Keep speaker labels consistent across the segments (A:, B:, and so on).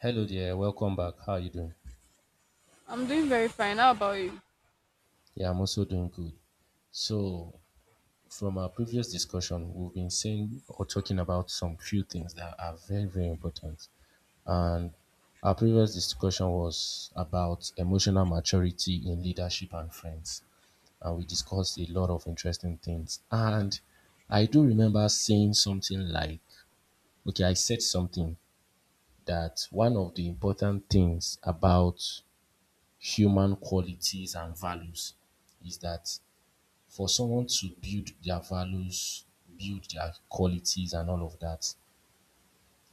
A: Hello there, welcome back. How are you doing?
B: I'm doing very fine. How about you?
A: Yeah, I'm also doing good. So, from our previous discussion, we've been saying or talking about some few things that are very, very important. And our previous discussion was about emotional maturity in leadership and friends. And we discussed a lot of interesting things. And I do remember saying something like, okay, I said something that one of the important things about human qualities and values is that for someone to build their values, build their qualities, and all of that,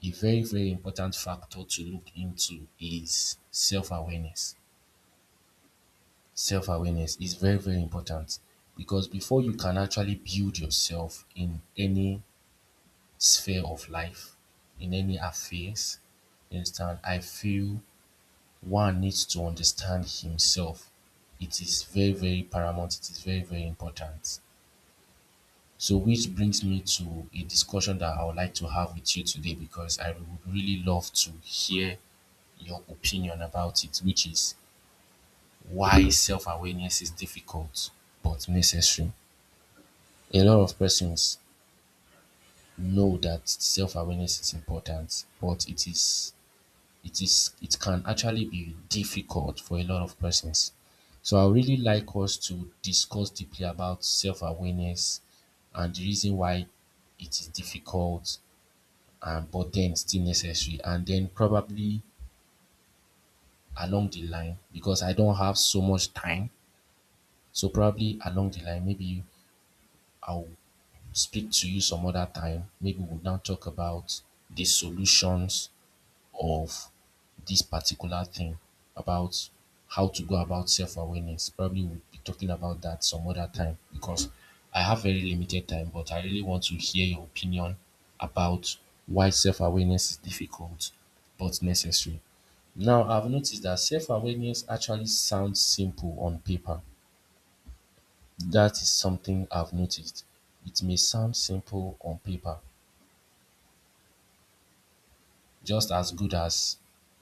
A: a very, very important factor to look into is self awareness. Self awareness is very, very important because before you can actually build yourself in any sphere of life, in any affairs, you understand, I feel one needs to understand himself. It is very, very paramount. It is very, very important. So, which brings me to a discussion that I would like to have with you today because I would really love to hear your opinion about it, which is why self awareness is difficult but necessary. A lot of persons know that self awareness is important, but it is it is it can actually be difficult for a lot of persons. So I would really like us to discuss deeply about self-awareness and the reason why it is difficult and but then still necessary, and then probably along the line, because I don't have so much time. So probably along the line, maybe I'll speak to you some other time. Maybe we'll now talk about the solutions of this particular thing about how to go about self-awareness. Probably we'll be talking about that some other time because I have very limited time, but I really want to hear your opinion about why self-awareness is difficult but necessary. Now, I've noticed that self-awareness actually sounds simple on paper. That is something I've noticed. It may sound simple on paper, just as good as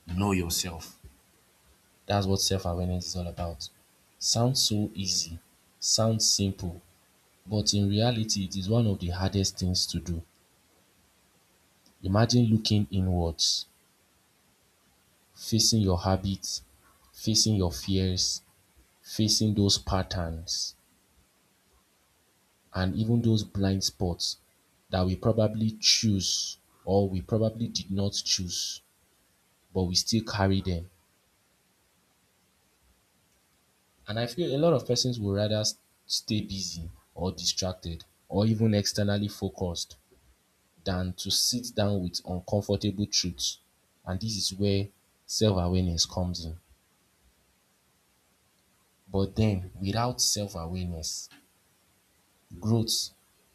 A: know yourself. That's what self awareness is all about. Sounds so easy, sounds simple, but in reality, it is one of the hardest things to do. Imagine looking inwards, facing your habits, facing your fears, facing those patterns, and even those blind spots that we probably choose or we probably did not choose, but we still carry them. And I feel a lot of persons would rather stay busy or distracted or even externally focused than to sit down with uncomfortable truths. And this is where self awareness comes in. But then, without self awareness, growth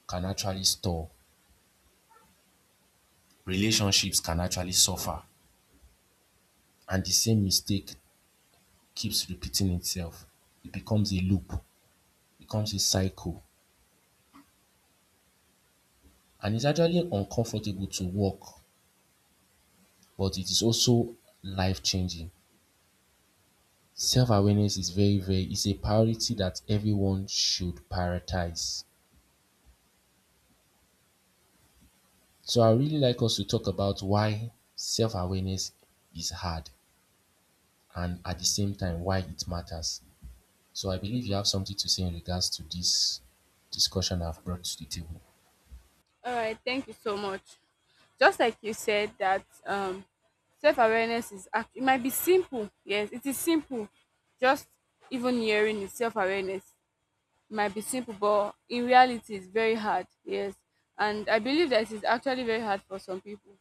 A: can actually stall, relationships can actually suffer, and the same mistake keeps repeating itself. It becomes a loop, becomes a cycle, and it's actually uncomfortable to walk, but it is also life changing. Self awareness is it's a priority that everyone should prioritize. So I really like us to talk about why self-awareness is hard and at the same time why it matters. So I believe you have something to say in regards to this discussion I've brought to the table.
B: All right, thank you so much. Just like you said that self-awareness is it might be simple. Yes, it is simple. Just even hearing is self-awareness. It might be simple, but in reality it's very hard. Yes. And I believe that it is actually very hard for some people.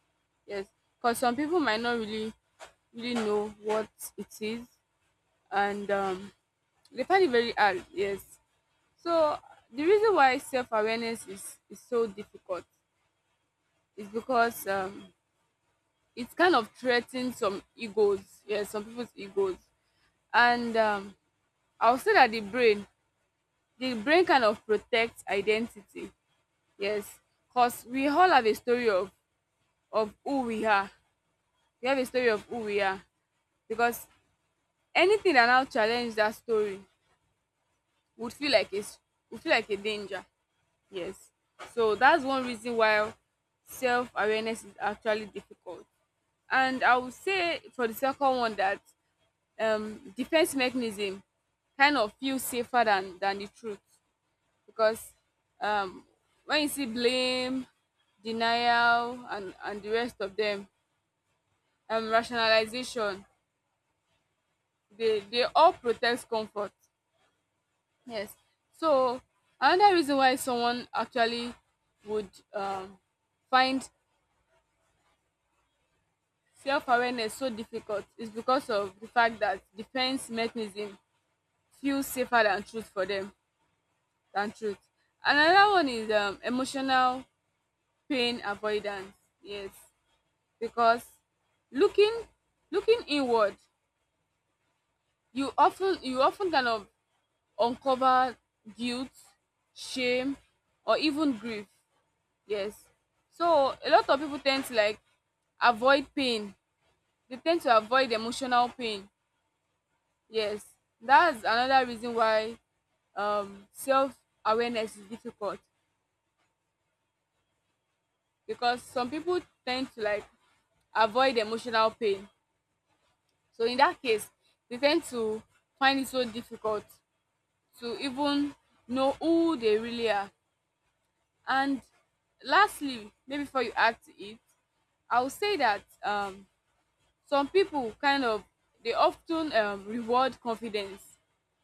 B: Yes. Because some people might not really know what it is, and they find it very hard, yes. So the reason why self awareness is so difficult is because it's kind of threatening some egos, yeah, some people's egos. And I'll say that the brain kind of protects identity, yes, because we all have a story of who we are. We have a story of who we are, because anything that now challenges that story would feel like it's would feel like a danger. Yes. So that's one reason why self awareness is actually difficult. And I would say for the second one that defense mechanism kind of feels safer than the truth, because um, when you see blame, denial, and the rest of them, rationalization, they all protect comfort. Yes. So another reason why someone actually would find self-awareness so difficult is because of the fact that defense mechanism feels safer than truth for them than truth. Another one is emotional pain avoidance. Yes, because looking looking inward, you often kind of uncover guilt, shame, or even grief. Yes, so a lot of people tend to like avoid pain. They tend to avoid emotional pain. Yes, that's another reason why self awareness is difficult, because some people tend to like avoid emotional pain. So, in that case, they tend to find it so difficult to even know who they really are. And lastly, maybe before you add to it, I would say that some people kind of they often reward confidence.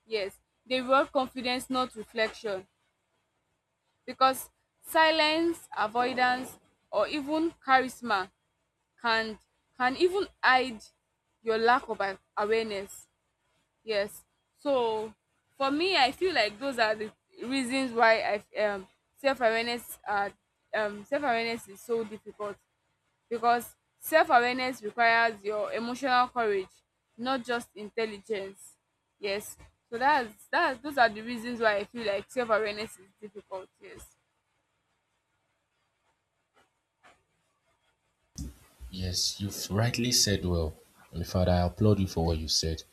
B: Yes, they reward confidence, not reflection. Because silence, avoidance, or even charisma can even hide your lack of awareness. Yes. So for me, I feel like those are the reasons why I self awareness uh self awareness is so difficult, because self awareness requires your emotional courage, not just intelligence. Yes. So that's those are the reasons why I feel like self awareness is difficult. Yes.
A: Yes, you've rightly said well. In father, I applaud you for what you said.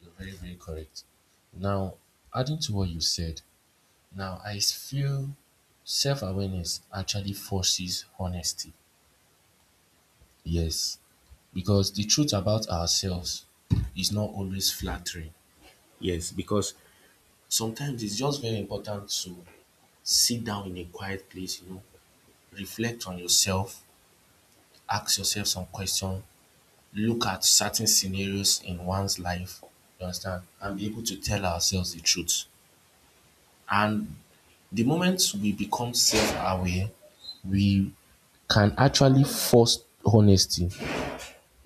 A: You're very, very correct. Now, adding to what you said, now I feel self awareness actually forces honesty. Yes, because the truth about ourselves is not always flattering. Yes, because sometimes it's just very important to sit down in a quiet place, you know, reflect on yourself, ask yourself some questions, look at certain scenarios in one's life, you understand, and be able to tell ourselves the truth. And the moment we become self aware, we can actually force honesty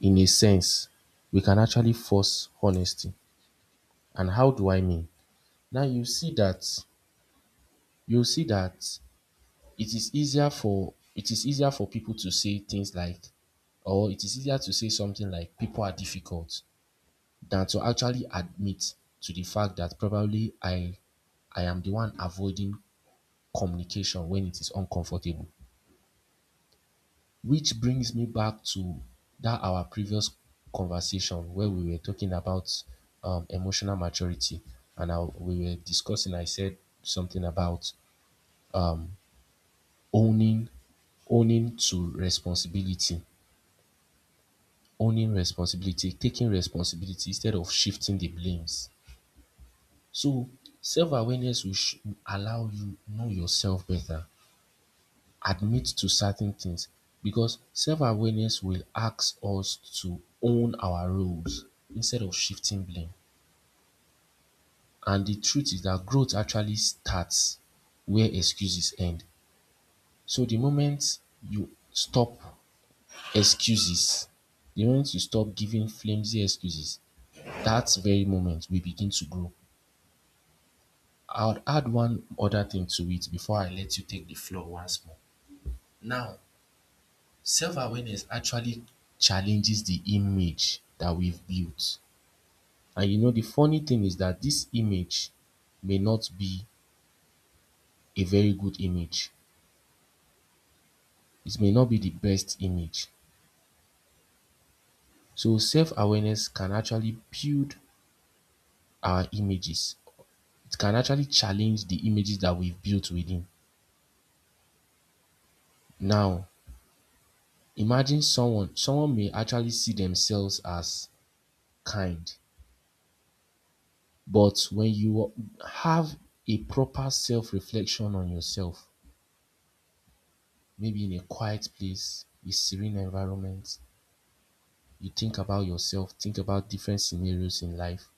A: in a sense. We can actually force honesty. And how do I mean? Now you see that it is easier for people to say things like, or it is easier to say something like, people are difficult than to actually admit to the fact that probably I am the one avoiding communication when it is uncomfortable. Which brings me back to that our previous conversation where we were talking about emotional maturity, and we were discussing. I said something about owning owning to responsibility owning responsibility, taking responsibility instead of shifting the blames. So, self awareness will sh- allow you know yourself better, admit to certain things, because self awareness will ask us to own our roles instead of shifting blame. And the truth is that growth actually starts where excuses end. So, the moment you stop excuses, the moment you stop giving flimsy excuses, that very moment we begin to grow. I'll add one other thing to it before I let you take the floor once more. Now, self awareness actually challenges the image that we've built. And you know, the funny thing is that this image may not be a very good image, it may not be the best image. So, self awareness can actually build our images, it can actually challenge the images that we've built within. Now, imagine someone, someone may actually see themselves as kind. But when you have a proper self reflection on yourself, maybe in a quiet place, a serene environment, you think about yourself, think about different scenarios in life.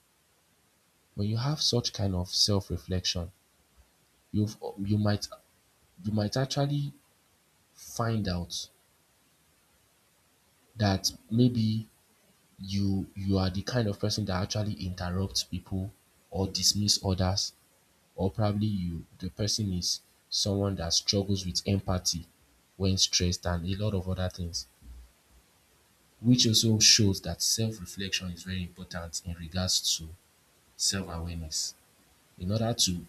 A: When you have such kind of self reflection, you you might might actually find out that maybe you are the kind of person that actually interrupts people or dismiss others, or probably you the person is someone that struggles with empathy when stressed, and a lot of other things, which also shows that self reflection is very important in regards to self awareness. In order to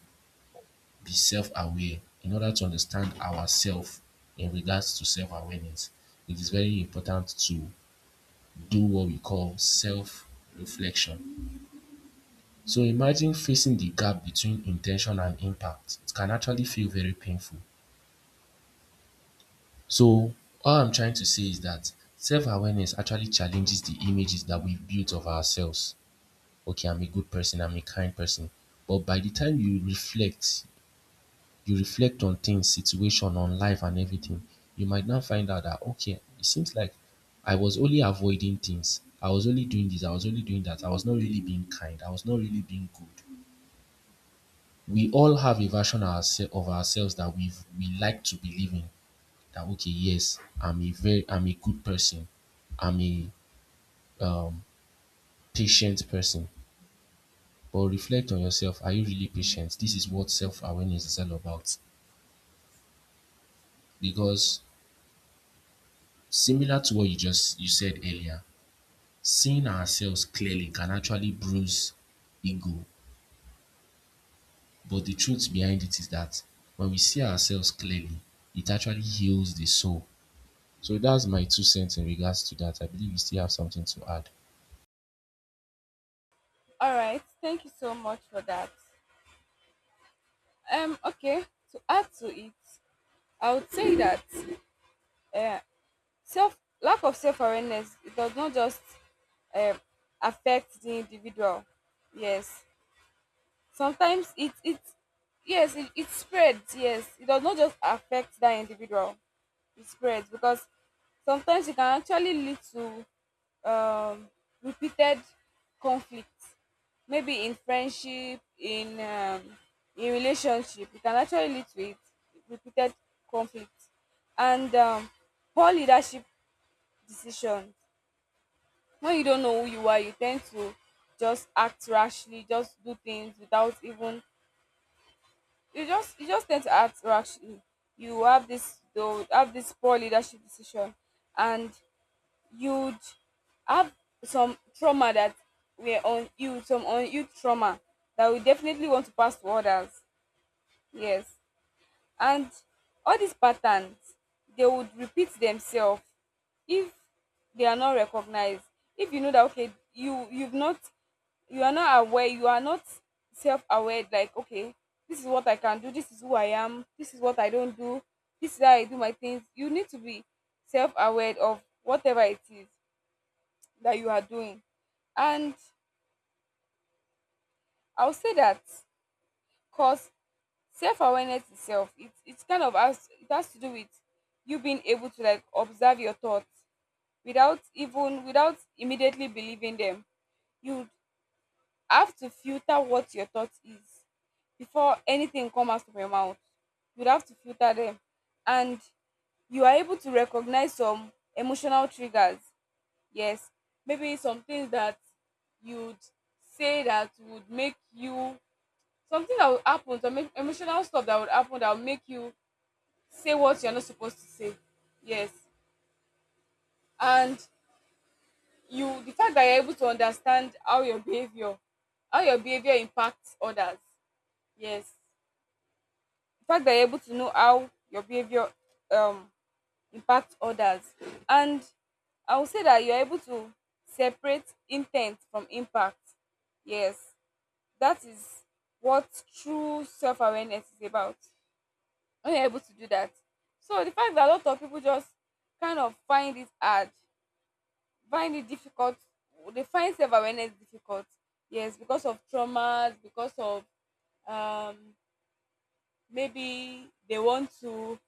A: be self aware, in order to understand ourselves in regards to self awareness, it is very important to do what we call self reflection. So imagine facing the gap between intention and impact. It can actually feel very painful. So all I'm trying to say is that self-awareness actually challenges the images that we've built of ourselves. Okay, I'm a good person, I'm a kind person. But by the time you reflect on things, situation, on life and everything, you might now find out that okay, it seems like I was only avoiding things. I was only doing this, I was only doing that. I was not really being kind. I was not really being good. We all have a version of ourselves that we like to believe in, that okay, yes, I'm a good person. I'm a um, patient person. But reflect on yourself. Are you really patient? This is what self-awareness is all about. Because, similar to what you said earlier, seeing ourselves clearly can actually bruise ego. But the truth behind it is that when we see ourselves clearly, it actually heals the soul. So that's my two cents in regards to that. I believe you still have something to add.
B: All right, thank you so much for that. Okay, to add to it, I would say that uh, self lack of self awareness, it does not just uh, affect the individual. Yes, sometimes it it yes it spreads, yes, it does not just affect that individual, it spreads, because sometimes it can actually lead to repeated conflicts, maybe in friendship, in relationship, it can actually lead to it, repeated conflicts, and poor leadership decisions. When you don't know who you are, you tend to just act rashly, just do things without even, you just tend to act rashly. You have this though have this poor leadership decision, and you'd have some trauma that were on you, some on you trauma, that we definitely want to pass to others. Yes. And all these patterns, they would repeat themselves if they are not recognized. If you know that okay, you've not, you are not aware, you are not self-aware, like okay, this is what I can do, this is who I am, this is what I don't do, this is how I do my things, you need to be self-aware of whatever it is that you are doing. And I'll say that, because self-awareness itself, it's kind of has it has to do with you being able to like observe your thoughts without even without immediately believing them. You have to filter what your thought is before anything comes out from your mouth. You'd have to filter them. And you are able to recognize some emotional triggers. Yes. Maybe some things that you'd say that would make you, something that would happen, some emotional stuff that would happen that will make you say what you're not supposed to say. Yes. And you the fact that you're able to understand how your behavior impacts others. Yes. The fact that you're able to know how your behavior um impacts others. And I would say that you're able to separate intent from impact. Yes. That is what true self awareness is about, when you're able to do that. So the fact that a lot of people just kind of find it hard, find it difficult, they find self awareness difficult. Yes, because of traumas, because of um, maybe they want to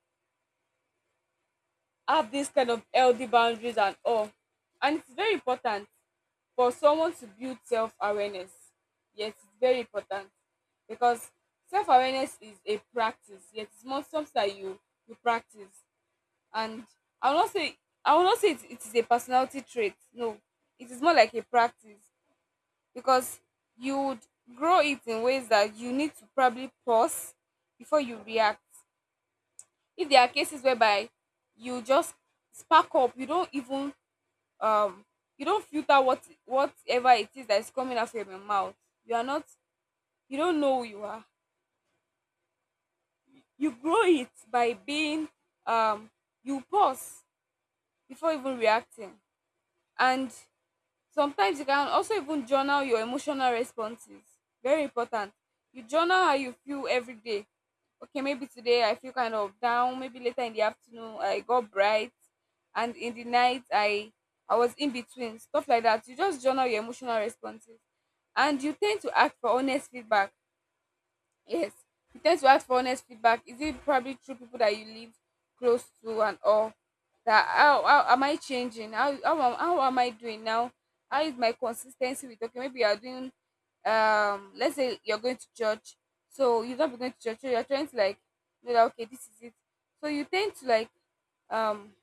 B: have this kind of healthy boundaries and all. And it's very important for someone to build self awareness. Yes, it's very important, because self awareness is a practice. Yes, it's not something that you practice. And I will not say it, it is a personality trait. No, it is more like a practice, because you would grow it in ways that you need to probably pause before you react. If there are cases whereby you just spark up, you don't even um you don't filter what whatever it is that is coming out from your mouth. You are not you don't know who you are. You grow it by being um you pause before even reacting. And sometimes you can also even journal your emotional responses. Very important. You journal how you feel every day. Okay, maybe today I feel kind of down, maybe later in the afternoon I got bright, and in the night I was in between, stuff like that. You just journal your emotional responses, and you tend to ask for honest feedback. Yes. You tend to ask for honest feedback. Is it probably through people that you live close to and all? That how am I changing? How am I doing now? How is my consistency with okay? Maybe you are doing let's say you're going to church. So you're not going to church, so you're trying to like know that okay, this is it. So you tend to like um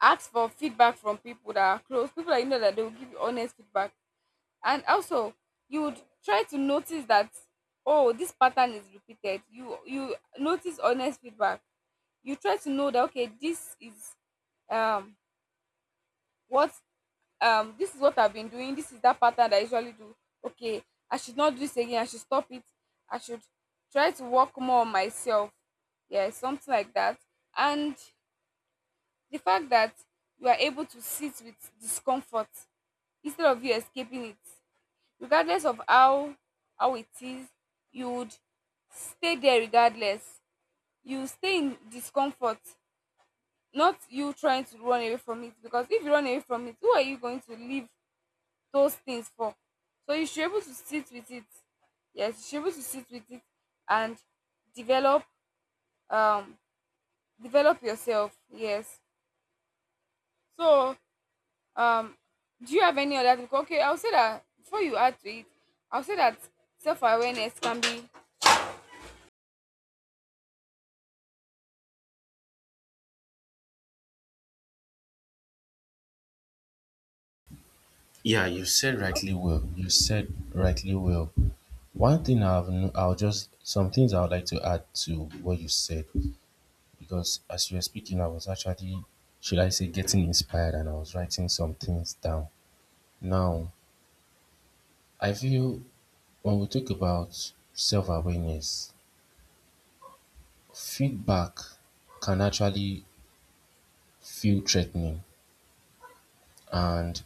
B: ask for feedback from people that are close, people that you know that they will give you honest feedback. And also you would try to notice that oh, this pattern is repeated, you notice honest feedback, you try to know that okay, this is um what this is what I've been doing, this is that pattern that I usually do, okay, I should not do this again, I should stop it, I should try to work more on myself, yeah, something like that. And the fact that you are able to sit with discomfort instead of you escaping it, regardless of how it is, you would stay there regardless, you stay in discomfort, not you trying to run away from it, because if you run away from it, who are you going to leave those things for? So you should be able to sit with it. Yes, you should be able to sit with it, and develop um develop yourself. Yes. So um do you have any other thing? Okay, I'll say that before you add to it, I'll say that self-awareness can be.
A: Yeah, you said rightly well. You said rightly well. One thing I've, no- I'll just, some things I would like to add to what you said, because as you were speaking, I was actually, should I say, getting inspired, and I was writing some things down. Now, I feel when we talk about self awareness, feedback can actually feel threatening. And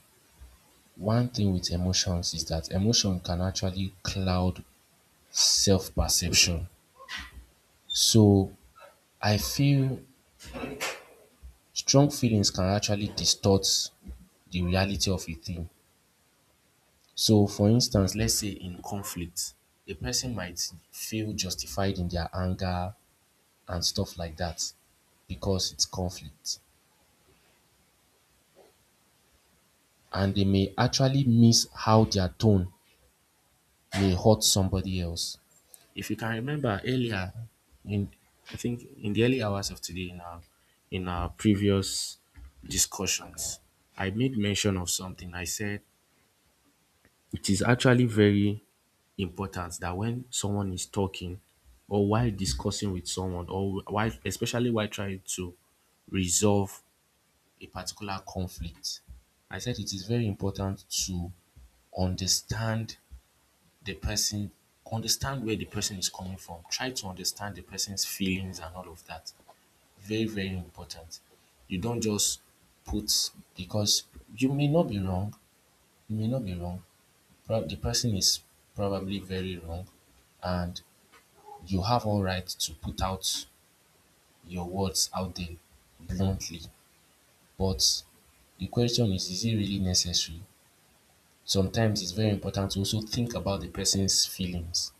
A: one thing with emotions is that emotion can actually cloud self perception. So I feel strong feelings can actually distort the reality of a thing. So for instance, let's say in conflict, a person might feel justified in their anger and stuff like that because it's conflict. And they may actually miss how their tone may hurt somebody else. If you can remember earlier, in I think in the early hours of today in our previous discussions, I made mention of something. I said it is actually very important that when someone is talking, or while discussing with someone, or while especially while trying to resolve a particular conflict, I said it is very important to understand the person, understand where the person is coming from, try to understand the person's feelings and all of that. Very, very important. You don't just put, because you may not be wrong, you may not be wrong, the person is probably very wrong, and you have all right to put out your words out there bluntly, but the question is it really necessary? Sometimes it's very important to also think about the person's feelings.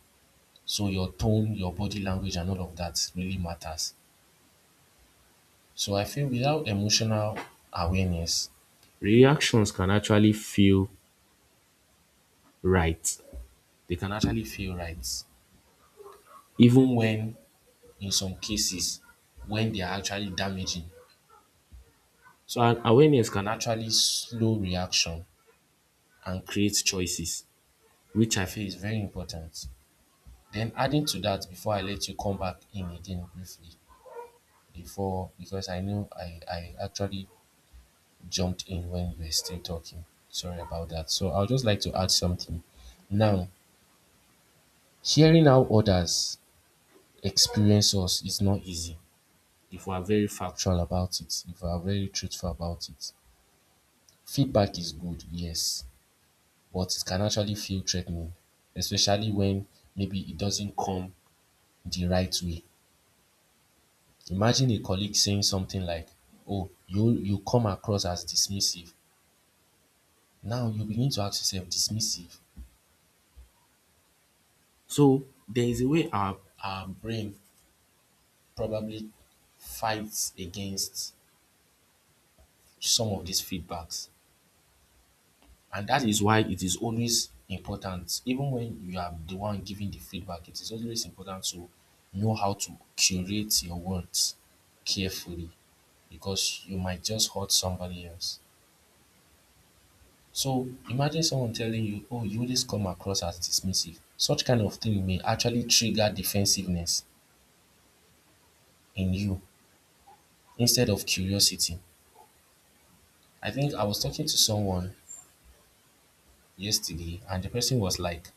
A: So your tone, your body language and all of that really matters. So I feel without emotional awareness, reactions can actually feel right, they can actually feel right even when in some cases when they are actually damaging. So an awareness can actually slow reaction and create choices, which I feel is very important. Then adding to that before I let you come back in again briefly, before, because I know I actually jumped in when you were still talking. Sorry about that. So I would just like to add something. Now, hearing how others experience us is not easy if we are very factual about it, if we are very truthful about it. Feedback is good, yes, but it can actually feel threatening, especially when maybe it doesn't come the right way. Imagine a colleague saying something like, "Oh, you come across as dismissive." Now you begin to ask yourself, dismissive? So there is a way our brain probably fights against some of these feedbacks. And that is why it is always important, even when you are the one giving the feedback, it is always important to know how to curate your words carefully because you might just hurt somebody else. So imagine someone telling you, oh, you always come across as dismissive. Such kind of thing may actually trigger defensiveness in you instead of curiosity. I think I was talking to someone yesterday and the person was like,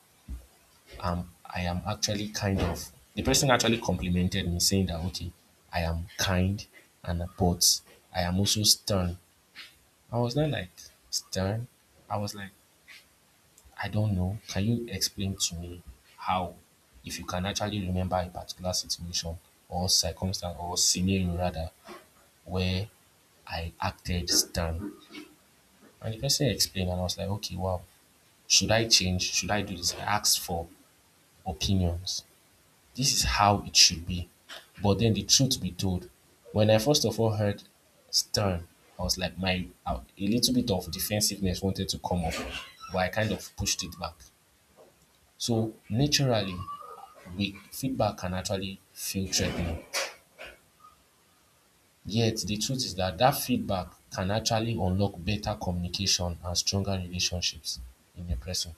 A: um, I am actually kind of the person actually complimented me saying that okay, I am kind and but I am also stern. I was not like stern. I was like, I don't know. Can you explain to me how if you can actually remember a particular situation or circumstance or scenario rather where I acted stern. And the person explained, and I was like, okay, wow, should I change? Should I do this? I asked for opinions. This is how it should be. But then the truth be told, when I first of all heard stern, I was like my a little bit of defensiveness wanted to come up, but I kind of pushed it back. So naturally, we feedback can actually feel threatening. Yet, the truth is that that feedback can actually unlock better communication and stronger relationships in a person.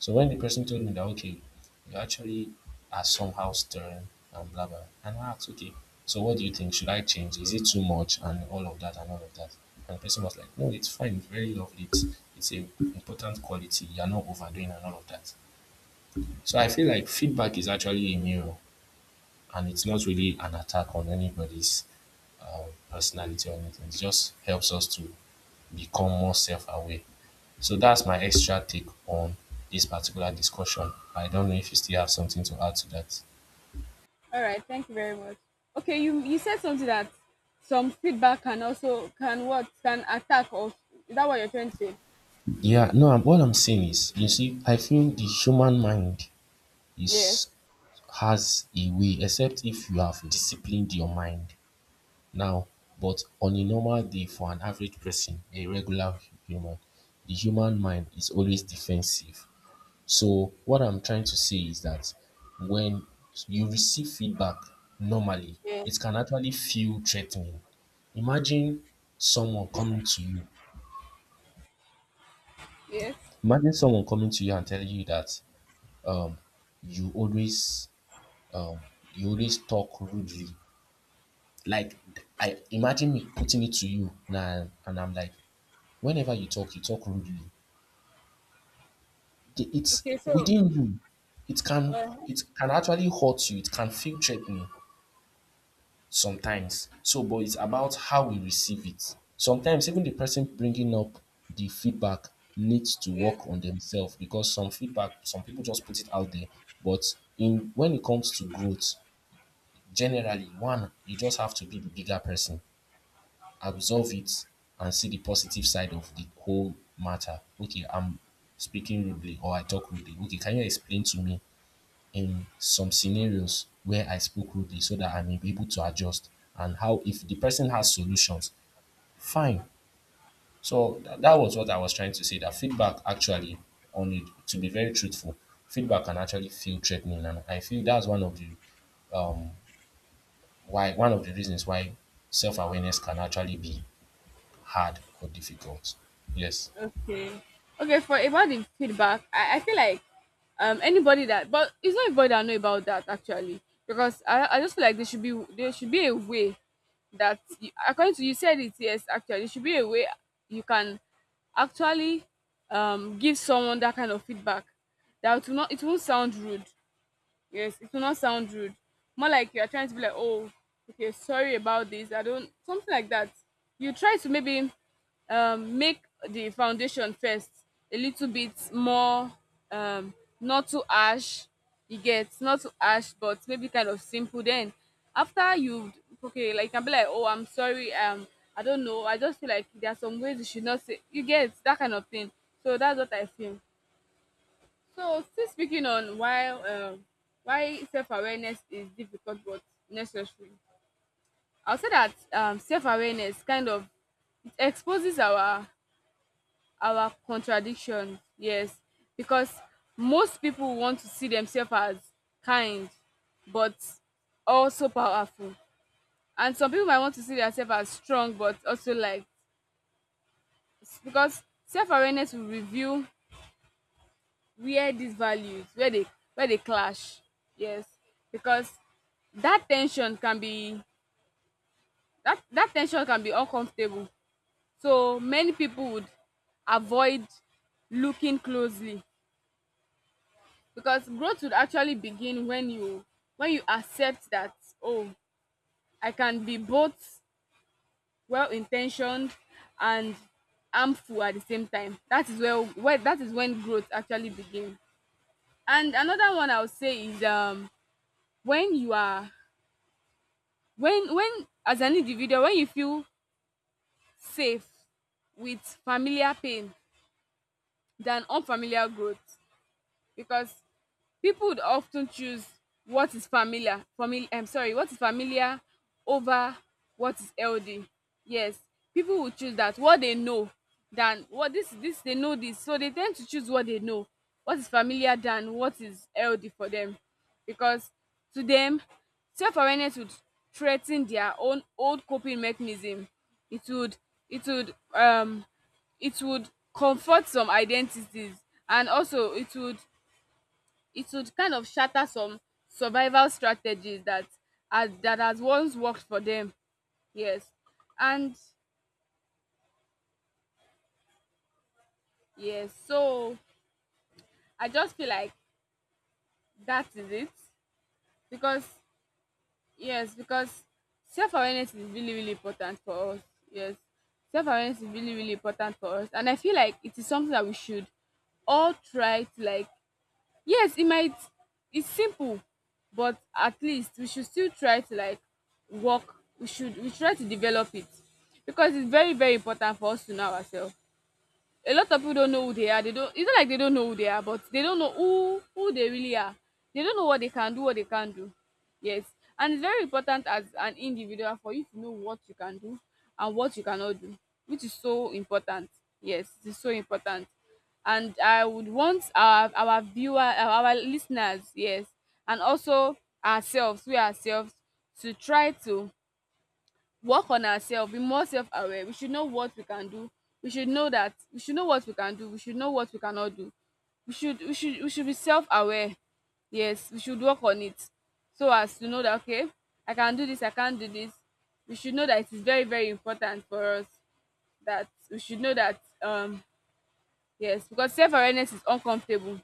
A: So when the person told me that, okay, you actually are somehow stern and blah, blah, and I asked, okay, so what do you think? Should I change? Is it too much? And all of that and all of that. And the person was like, no, it's fine. It's very lovely. It's an important quality. You're not overdoing and all of that. So I feel like feedback is actually a mirror and it's not really an attack on anybody's our personality or anything. It just helps us to become more self aware. So that's my extra take on this particular discussion. I don't know if you still have something to add to that.
B: All right, thank you very much. Okay, you said something that some feedback can also can attack us. Is that what you're trying to say?
A: Yeah, no, what I'm saying is, you see, I feel the human mind is
B: Yes.
A: has a way, except if you have disciplined your mind now. But on a normal day, for an average person, a regular human, the human mind is always defensive. So what I'm trying to say is that when you receive feedback normally,
B: Yes.
A: it can actually feel threatening. Imagine someone coming to you.
B: Yes.
A: Imagine someone coming to you and telling you that um, you always um, you always talk rudely. Like I imagine me putting it to you now, and I'm like, whenever you talk rudely. It's
B: Okay, so
A: within you. It can
B: uh,
A: it can actually hurt you. It can feel threatening sometimes. So, but it's about how we receive it. Sometimes even the person bringing up the feedback needs to work
B: yes.
A: on themselves because some feedback, some people just put it out there. But in when it comes to growth, generally, one, you just have to be the bigger person, absorb it, and see the positive side of the whole matter. Okay, I'm speaking rudely or I talk rudely. Okay, can you explain to me in some scenarios where I spoke rudely so that I'm able to adjust and how if the person has solutions, fine. So that was what I was trying to say that feedback actually on it to be very truthful, feedback can actually feel threatening and I feel that's one of the um why one of the reasons why self-awareness can actually be hard or difficult. Yes.
B: Okay. Okay, for about the feedback, I feel like anybody that, but it's not everybody that know about that actually. Because I just feel like there should be a way that you, according to you said it, yes, actually there should be a way you can actually give someone that kind of feedback that will not, it won't sound rude. Yes, it will not sound rude. More like you are trying to be like, oh, okay, sorry about this, I don't, something like that. You try to maybe make the foundation first a little bit more um, not too ash. You get, not too ash, but maybe kind of simple. Then after you okay, like you can be like, oh, I'm sorry. I don't know, I just feel like there are some ways you should not say. You get that kind of thing. So that's what I feel. So, still speaking on why self awareness is difficult but necessary, I'll say that self awareness kind of it exposes our contradiction. Yes, because most people want to see themselves as kind, but also powerful, and some people might want to see themselves as strong but also like because self awareness will reveal where these values, where they clash. Yes, because that tension can be, that tension can be uncomfortable. So many people would avoid looking closely, because growth would actually begin when you accept that, oh, I can be both well intentioned and harmful at the same time. That is when growth actually begins. And another one I would say is when you are, when as an individual, when you feel safe with familiar pain than unfamiliar growth. Because people would often choose what is familiar, I'm sorry, what is familiar over what is healthy. Yes, people will choose that what they know than what this they know this, so they tend to choose what they know, what is familiar than what is healthy for them, because to them self-awareness would threaten their own old coping mechanism. It would, it would, it would comfort some identities, and also it would, it would kind of shatter some survival strategies that has once worked for them. Yes. And yes, so I just feel like that is it. Because yes, because self awareness is really, really important for us. Yes. Self awareness is really, really important for us. And I feel like it is something that we should all try to, like, yes it might, it's simple, but at least we should still try to, like, work, we should try to develop it, because it's very very important for us to know ourselves. A lot of people don't know who they are. They don't. It's not like they don't know who they are, but they don't know who they really are. They don't know what they can do, what they can't do. Yes, and it's very important as an individual for you to know what you can do and what you cannot do, which is so important. Yes, it is so important. And I would want our viewer, our listeners, yes, and also ourselves, we ourselves, to try to work on ourselves, be more self aware. We should know what we can do. We should know what we can do. We should know what we cannot do. We should be self aware. Yes, we should work on it so as to know that, okay, I can do this, I can't do this. We should know that it is very, very important for us that we should know that yes, because self awareness is uncomfortable,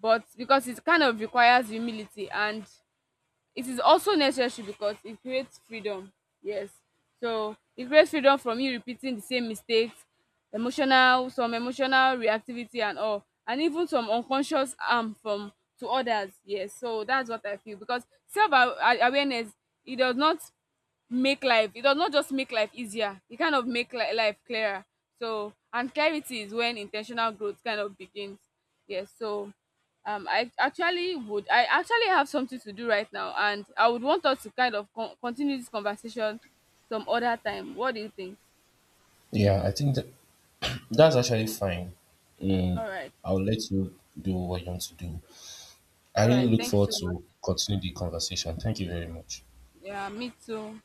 B: but because it kind of requires humility, and it is also necessary because it creates freedom. Yes, so it creates freedom from you repeating the same mistakes, emotional, some emotional reactivity and all, and even some unconscious harm from, to others. Yes, so that's what I feel, because self a awareness, it does not make life it does not just make life easier, it kind of life clearer. So, and clarity is when intentional growth kind of begins. Yes, so I actually would, I actually have something to do right now, and I would want us to kind of continue this conversation some other time. What do you think?
A: Yeah, I think that that's actually fine. Mm,
B: All right.
A: I'll let you do what you want to do. I
B: All right,
A: really look
B: thank you
A: forward
B: so much.
A: to continue the conversation. Thank you very much.
B: Yeah, me too.